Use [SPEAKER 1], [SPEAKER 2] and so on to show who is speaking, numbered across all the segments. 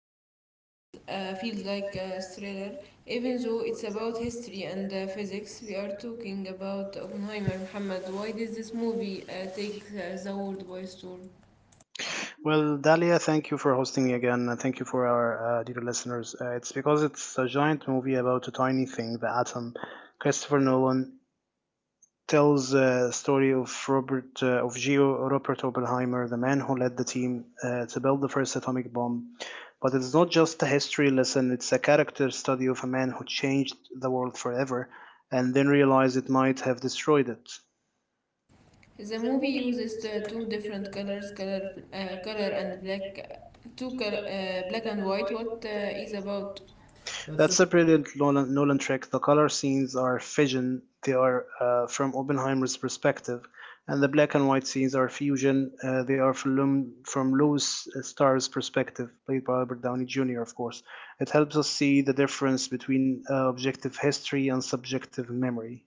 [SPEAKER 1] feels like a thriller, even though it's about history and physics. We are talking about Oppenheimer. Muhammad, why did this movie take the world by storm?
[SPEAKER 2] Well, Dalia, thank you for hosting me again, and thank you for our dear listeners. It's because it's a giant movie about a tiny thing, the atom. Christopher Nolan tells the story of Robert of Geo Robert Oppenheimer, the man who led the team to build the first atomic bomb. But it's not just a history lesson; it's a character study of a man who changed the world forever, and then realized it might have destroyed it.
[SPEAKER 1] The movie uses the two different colors, color, color and black and white. What is about?
[SPEAKER 2] That's a brilliant Nolan trick. The color scenes are fusion, they are from Oppenheimer's perspective, and the black and white scenes are fusion, they are from Louis Starr's perspective, played by Robert Downey Jr., of course. It helps us see the difference between objective history and subjective memory.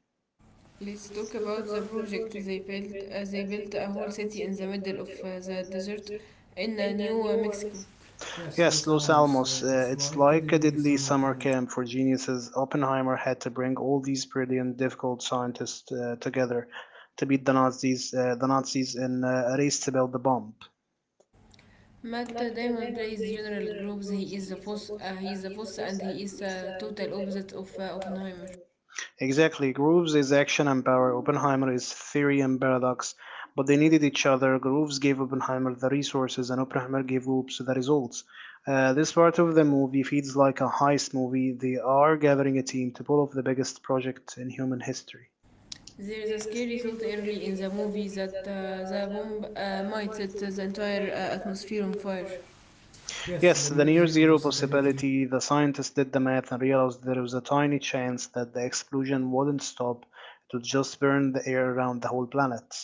[SPEAKER 1] Let's talk about the project they built. They built a whole city in the middle of the desert in New Mexico. Yes,
[SPEAKER 2] Yes,
[SPEAKER 1] Los
[SPEAKER 2] Los
[SPEAKER 1] Alamos.
[SPEAKER 2] Alamos.
[SPEAKER 1] It's
[SPEAKER 2] It's
[SPEAKER 1] like a
[SPEAKER 2] like a
[SPEAKER 1] deadly
[SPEAKER 2] deadly
[SPEAKER 1] summer
[SPEAKER 2] summer
[SPEAKER 1] camp.
[SPEAKER 2] camp for geniuses. Oppenheimer had to bring all these brilliant, difficult scientists together to beat the Nazis, in a race to build the bomb.
[SPEAKER 1] Matt Damon plays General Groves. He is the boss, and he is the total opposite of Oppenheimer.
[SPEAKER 2] Exactly. Groves is action and power. Oppenheimer is theory and paradox. But they needed each other. Groves gave Oppenheimer the resources, and Oppenheimer gave Groves the results. This part of the movie feels like a heist movie. They are gathering a team to pull off the biggest project in human history.
[SPEAKER 1] There is a scary thought early in the movie that the bomb might set the entire atmosphere on fire. Yes,
[SPEAKER 2] Yes,
[SPEAKER 1] the
[SPEAKER 2] the
[SPEAKER 1] near
[SPEAKER 2] near
[SPEAKER 1] zero
[SPEAKER 2] zero
[SPEAKER 1] possibility.
[SPEAKER 2] possibility, the scientists did the math and realized there was a tiny chance that the explosion wouldn't stop, it would just burn the air around the whole planet.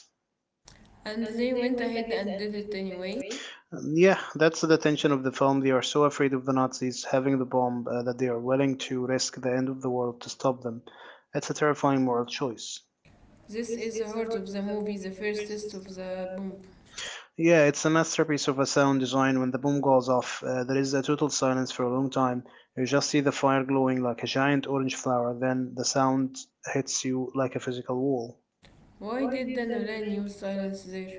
[SPEAKER 1] And they went ahead and did it anyway.
[SPEAKER 2] Yeah, that's the tension of the film. They are so afraid of the Nazis having the bomb that they are willing to risk the end of the world to stop them. It's a terrifying moral choice.
[SPEAKER 1] This is the heart of the movie, the first test of the bomb.
[SPEAKER 2] Yeah, it's a masterpiece of a sound design. When the boom goes off, there is a total silence for a long time. You just see the fire glowing like a giant orange flower, then the sound hits you like a physical wall.
[SPEAKER 1] Why did the Nolan use silence there?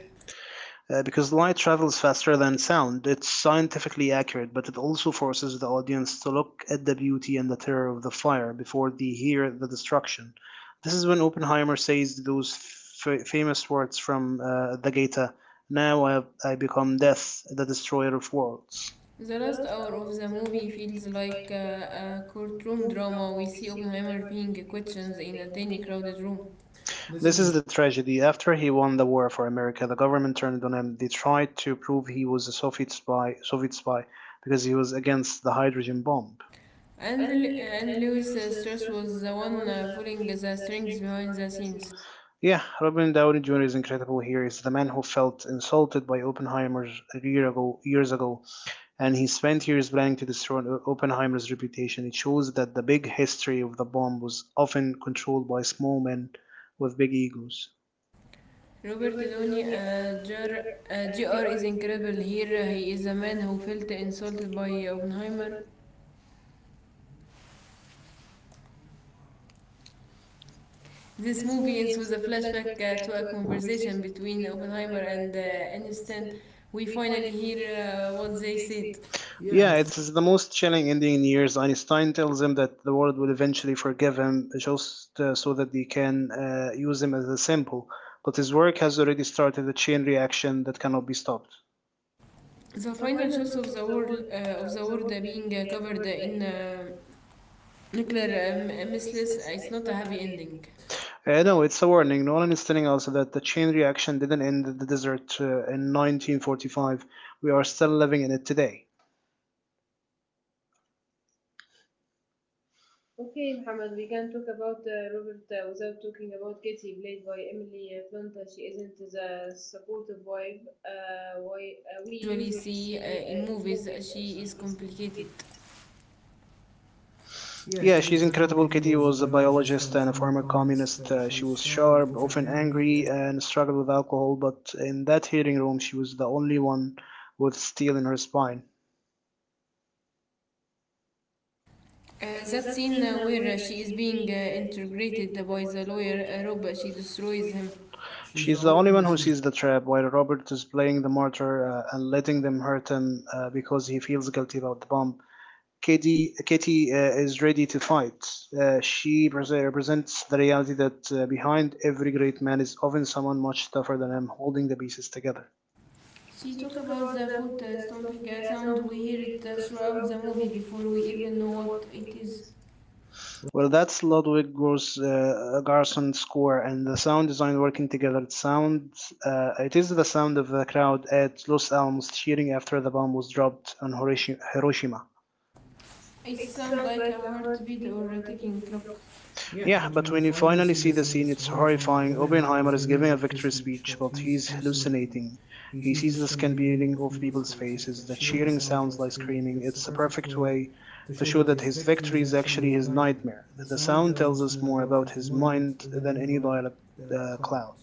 [SPEAKER 2] Because light travels faster than sound, it's scientifically accurate, but it also forces the audience to look at the beauty and the terror of the fire before they hear the destruction. This is when Oppenheimer says those famous words from the Gita: Now I become death, the destroyer of worlds.
[SPEAKER 1] The last hour of the movie feels like a courtroom drama. We see Oppenheimer being questioned in a tiny crowded room. This is
[SPEAKER 2] This
[SPEAKER 1] the.
[SPEAKER 2] is the tragedy. After he won the war for America, the government turned on him. They tried to prove he was a Soviet spy because he was against the hydrogen bomb.
[SPEAKER 1] And Lewis Strauss was the one pulling the strings behind the scenes.
[SPEAKER 2] Yeah, Robin Downey Jr. is incredible here. He's the man who felt insulted by Oppenheimer years ago, and he spent years planning to destroy Oppenheimer's reputation. It shows that the big history of the bomb was often controlled by small men with big egos.
[SPEAKER 1] Robert Downey Jr. Jr. is incredible here. He is a man who felt insulted by Oppenheimer. This movie ends a flashback to a conversation between Oppenheimer and Einstein. We finally hear what they said. Yeah,
[SPEAKER 2] Yeah,
[SPEAKER 1] it's.
[SPEAKER 2] it's the most chilling ending in years. Einstein tells him that the world will eventually forgive him just so that they can use him as a sample. But his work has already started a chain reaction that cannot be stopped.
[SPEAKER 1] The final shots of the world being covered in nuclear missiles. It's not a happy ending.
[SPEAKER 2] No, it's a warning. Nolan is telling us that the chain reaction didn't end in the desert in 1945. We are still living in it today.
[SPEAKER 1] Usually see in movies. She is complicated. Yeah,
[SPEAKER 2] Yeah,
[SPEAKER 1] she's
[SPEAKER 2] she's
[SPEAKER 1] incredible.
[SPEAKER 2] incredible.
[SPEAKER 1] Kitty
[SPEAKER 2] Kitty
[SPEAKER 1] was a
[SPEAKER 2] was a
[SPEAKER 1] biologist and
[SPEAKER 2] biologist
[SPEAKER 1] a
[SPEAKER 2] and a
[SPEAKER 1] former
[SPEAKER 2] former
[SPEAKER 1] communist.
[SPEAKER 2] communist.
[SPEAKER 1] She
[SPEAKER 2] She
[SPEAKER 1] was
[SPEAKER 2] was
[SPEAKER 1] sharp,
[SPEAKER 2] sharp,
[SPEAKER 1] often
[SPEAKER 2] often
[SPEAKER 1] angry.
[SPEAKER 2] angry, and struggled with alcohol, but in that hearing room, she was the only one with steel in her spine.
[SPEAKER 1] Uh, that scene where she is being interrogated by the lawyer Rob, she destroys him. She's the
[SPEAKER 2] She's the
[SPEAKER 1] only
[SPEAKER 2] only
[SPEAKER 1] one who
[SPEAKER 2] one who
[SPEAKER 1] sees.
[SPEAKER 2] sees the trap, while Robert is playing the martyr and letting them hurt him because he feels guilty about the bomb. Kitty is ready to fight. She represents the reality that behind every great man is often someone much tougher than him, holding the pieces together.
[SPEAKER 1] She talk about the foot stomping sound. We hear it throughout the movie before we even know what it is.
[SPEAKER 2] Well, that's Ludwig Garson score and the sound design working together. It is the sound of the crowd at Los Alamos cheering after the bomb was dropped on Hiroshima.
[SPEAKER 1] It sounds like a heartbeat or a ticking clock. Yeah,
[SPEAKER 2] Yeah,
[SPEAKER 1] but
[SPEAKER 2] but
[SPEAKER 1] when you
[SPEAKER 2] when you
[SPEAKER 1] finally
[SPEAKER 2] finally
[SPEAKER 1] see
[SPEAKER 2] see
[SPEAKER 1] the
[SPEAKER 2] the
[SPEAKER 1] scene,
[SPEAKER 2] scene,
[SPEAKER 1] it's
[SPEAKER 2] it's
[SPEAKER 1] horrifying.
[SPEAKER 2] horrifying.
[SPEAKER 1] Oppenheimer
[SPEAKER 2] Oppenheimer
[SPEAKER 1] is
[SPEAKER 2] is
[SPEAKER 1] giving a
[SPEAKER 2] giving a
[SPEAKER 1] victory
[SPEAKER 2] victory
[SPEAKER 1] speech,
[SPEAKER 2] speech,
[SPEAKER 1] but
[SPEAKER 2] but
[SPEAKER 1] he's
[SPEAKER 2] he's
[SPEAKER 1] hallucinating.
[SPEAKER 2] hallucinating.
[SPEAKER 1] He
[SPEAKER 2] He
[SPEAKER 1] sees the
[SPEAKER 2] sees the
[SPEAKER 1] skin
[SPEAKER 2] skin
[SPEAKER 1] peeling
[SPEAKER 2] peeling
[SPEAKER 1] off
[SPEAKER 2] off
[SPEAKER 1] people's
[SPEAKER 2] people's
[SPEAKER 1] faces. The
[SPEAKER 2] faces. The
[SPEAKER 1] cheering
[SPEAKER 2] cheering
[SPEAKER 1] sounds
[SPEAKER 2] sounds
[SPEAKER 1] like
[SPEAKER 2] like
[SPEAKER 1] screaming.
[SPEAKER 2] screaming.
[SPEAKER 1] It's a
[SPEAKER 2] It's a
[SPEAKER 1] perfect
[SPEAKER 2] perfect
[SPEAKER 1] way
[SPEAKER 2] way
[SPEAKER 1] to
[SPEAKER 2] to
[SPEAKER 1] show
[SPEAKER 2] show
[SPEAKER 1] that
[SPEAKER 2] that
[SPEAKER 1] his
[SPEAKER 2] his
[SPEAKER 1] victory
[SPEAKER 2] victory
[SPEAKER 1] is
[SPEAKER 2] is
[SPEAKER 1] actually
[SPEAKER 2] actually
[SPEAKER 1] his
[SPEAKER 2] his
[SPEAKER 1] nightmare.
[SPEAKER 2] nightmare.
[SPEAKER 1] The
[SPEAKER 2] The
[SPEAKER 1] sound
[SPEAKER 2] sound
[SPEAKER 1] tells
[SPEAKER 2] tells
[SPEAKER 1] us
[SPEAKER 2] us
[SPEAKER 1] more
[SPEAKER 2] more
[SPEAKER 1] about
[SPEAKER 2] about
[SPEAKER 1] his
[SPEAKER 2] his
[SPEAKER 1] mind
[SPEAKER 2] mind
[SPEAKER 1] than
[SPEAKER 2] than
[SPEAKER 1] any
[SPEAKER 2] any
[SPEAKER 1] dialogue
[SPEAKER 2] dialogue cloud.
[SPEAKER 1] clouds.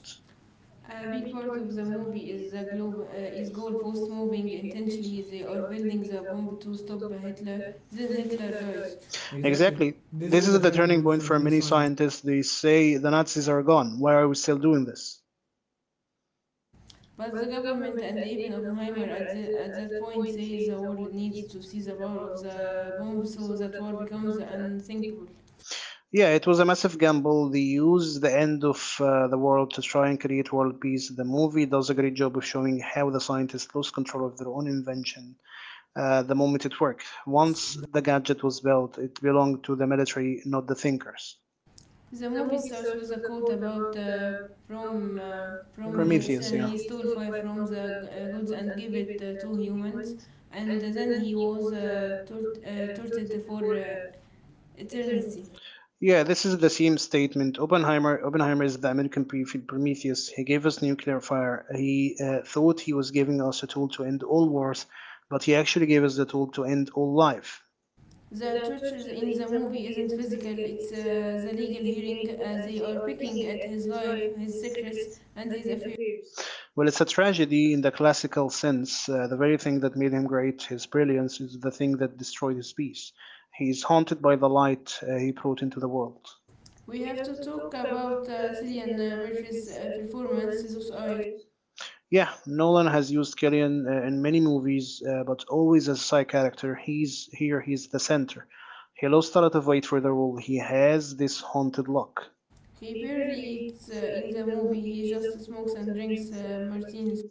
[SPEAKER 1] A big part of the movie is the globe is goalpost moving intentionally. They are building the bomb to stop Hitler. Then Hitler dies. Exactly.
[SPEAKER 2] Exactly.
[SPEAKER 1] This is
[SPEAKER 2] This is
[SPEAKER 1] the
[SPEAKER 2] the
[SPEAKER 1] turning
[SPEAKER 2] turning
[SPEAKER 1] point
[SPEAKER 2] point
[SPEAKER 1] for
[SPEAKER 2] for
[SPEAKER 1] many
[SPEAKER 2] many
[SPEAKER 1] scientists.
[SPEAKER 2] scientists. They say the Nazis are gone. Why are we still doing this?
[SPEAKER 1] But the government and even Oppenheimer at that point say the world needs to see the power of the bomb so that war becomes unthinkable.
[SPEAKER 2] Yeah, it was a massive gamble. They used the end of the world to try and create world peace. The movie does a great job of showing how the scientists lose control of their own invention the moment it worked. Once the gadget was built, it belonged to the military, not the thinkers.
[SPEAKER 1] The movie starts with a quote about Prometheus.
[SPEAKER 2] Prometheus,
[SPEAKER 1] Yeah.
[SPEAKER 2] yeah.
[SPEAKER 1] He stole fire from the gods and gave it to humans, and then he was tortured for eternity.
[SPEAKER 2] Yeah, this is the same statement. Oppenheimer is the American Prometheus. He gave us nuclear fire. He thought he was giving us a tool to end all wars, but he actually gave us the tool to end all life.
[SPEAKER 1] The torture in the movie isn't physical, it's the legal hearing. They are picking at his life, his secrets, and his affairs.
[SPEAKER 2] Well, it's a tragedy in the classical sense. The very thing that made him great, his brilliance, is the thing that destroyed his peace. He is haunted by the light he brought into the world.
[SPEAKER 1] We have to talk about Cillian Murphy's performance, those are.
[SPEAKER 2] Yeah, Nolan has used Killian in many movies, but always as a side character. He's here, he's the center. He lost a lot of weight for the role. He has this haunted look.
[SPEAKER 1] He barely eats in the movie. He just smokes and drinks martinis.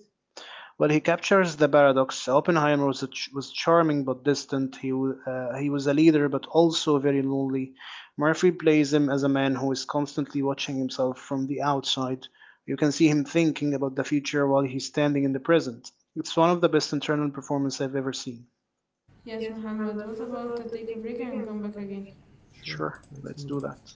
[SPEAKER 2] Well, he captures the paradox. Oppenheimer was charming but distant. He was a leader but also very lonely. Murphy plays him as a man who is constantly watching himself from the outside. You can see him thinking about the future while he's standing in the present. It's one of the best internal performances I've ever seen.
[SPEAKER 1] Yes, Muhammad. What about take a break and come back again? Sure,
[SPEAKER 2] Sure,
[SPEAKER 1] let's
[SPEAKER 2] let's
[SPEAKER 1] do
[SPEAKER 2] do
[SPEAKER 1] that.
[SPEAKER 2] that.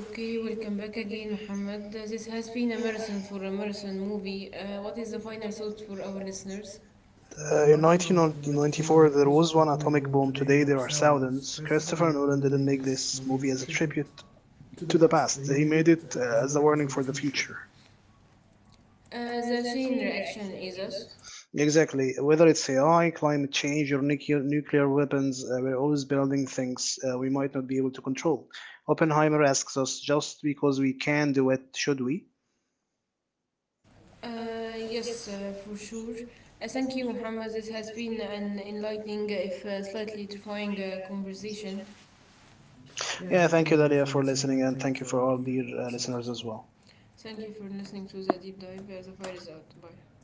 [SPEAKER 1] Okay, welcome back again, Muhammad. This has been a marathon for a marathon movie. What is the final thought for our listeners? In
[SPEAKER 2] In
[SPEAKER 1] 1994,
[SPEAKER 2] 1994,
[SPEAKER 1] there
[SPEAKER 2] there
[SPEAKER 1] was
[SPEAKER 2] was
[SPEAKER 1] one
[SPEAKER 2] one
[SPEAKER 1] atomic
[SPEAKER 2] atomic
[SPEAKER 1] bomb.
[SPEAKER 2] bomb.
[SPEAKER 1] Today,
[SPEAKER 2] Today,
[SPEAKER 1] there are
[SPEAKER 2] there are
[SPEAKER 1] thousands.
[SPEAKER 2] thousands.
[SPEAKER 1] Christopher
[SPEAKER 2] Christopher
[SPEAKER 1] Nolan
[SPEAKER 2] Nolan
[SPEAKER 1] didn't
[SPEAKER 2] didn't
[SPEAKER 1] make
[SPEAKER 2] make
[SPEAKER 1] this
[SPEAKER 2] this
[SPEAKER 1] movie as
[SPEAKER 2] movie
[SPEAKER 1] a
[SPEAKER 2] as a
[SPEAKER 1] tribute
[SPEAKER 2] tribute
[SPEAKER 1] to the
[SPEAKER 2] to the
[SPEAKER 1] past,
[SPEAKER 2] past,
[SPEAKER 1] he
[SPEAKER 2] he
[SPEAKER 1] made
[SPEAKER 2] made
[SPEAKER 1] it
[SPEAKER 2] it
[SPEAKER 1] as a
[SPEAKER 2] as a
[SPEAKER 1] warning
[SPEAKER 2] warning
[SPEAKER 1] for the
[SPEAKER 2] for the
[SPEAKER 1] future.
[SPEAKER 2] future.
[SPEAKER 1] The chain reaction is us.
[SPEAKER 2] Exactly. Whether it's AI, climate change, or nuclear weapons, we're always building things we might not be able to control. Oppenheimer asks us just because we can do it, should we?
[SPEAKER 1] Yes, for sure. Thank you, Muhammad. This has been an enlightening, if slightly terrifying, conversation. Yeah,
[SPEAKER 2] Yeah,
[SPEAKER 1] thank you,
[SPEAKER 2] thank you,
[SPEAKER 1] Nadia,
[SPEAKER 2] Dalia,
[SPEAKER 1] for
[SPEAKER 2] for
[SPEAKER 1] listening,
[SPEAKER 2] listening,
[SPEAKER 1] and
[SPEAKER 2] and
[SPEAKER 1] thank you
[SPEAKER 2] thank you
[SPEAKER 1] for
[SPEAKER 2] for
[SPEAKER 1] all
[SPEAKER 2] all
[SPEAKER 1] dear
[SPEAKER 2] dear
[SPEAKER 1] listeners
[SPEAKER 2] listeners
[SPEAKER 1] as
[SPEAKER 2] as
[SPEAKER 1] well.
[SPEAKER 2] well.
[SPEAKER 1] Thank you for listening to the deep dive. The fire is out. Bye.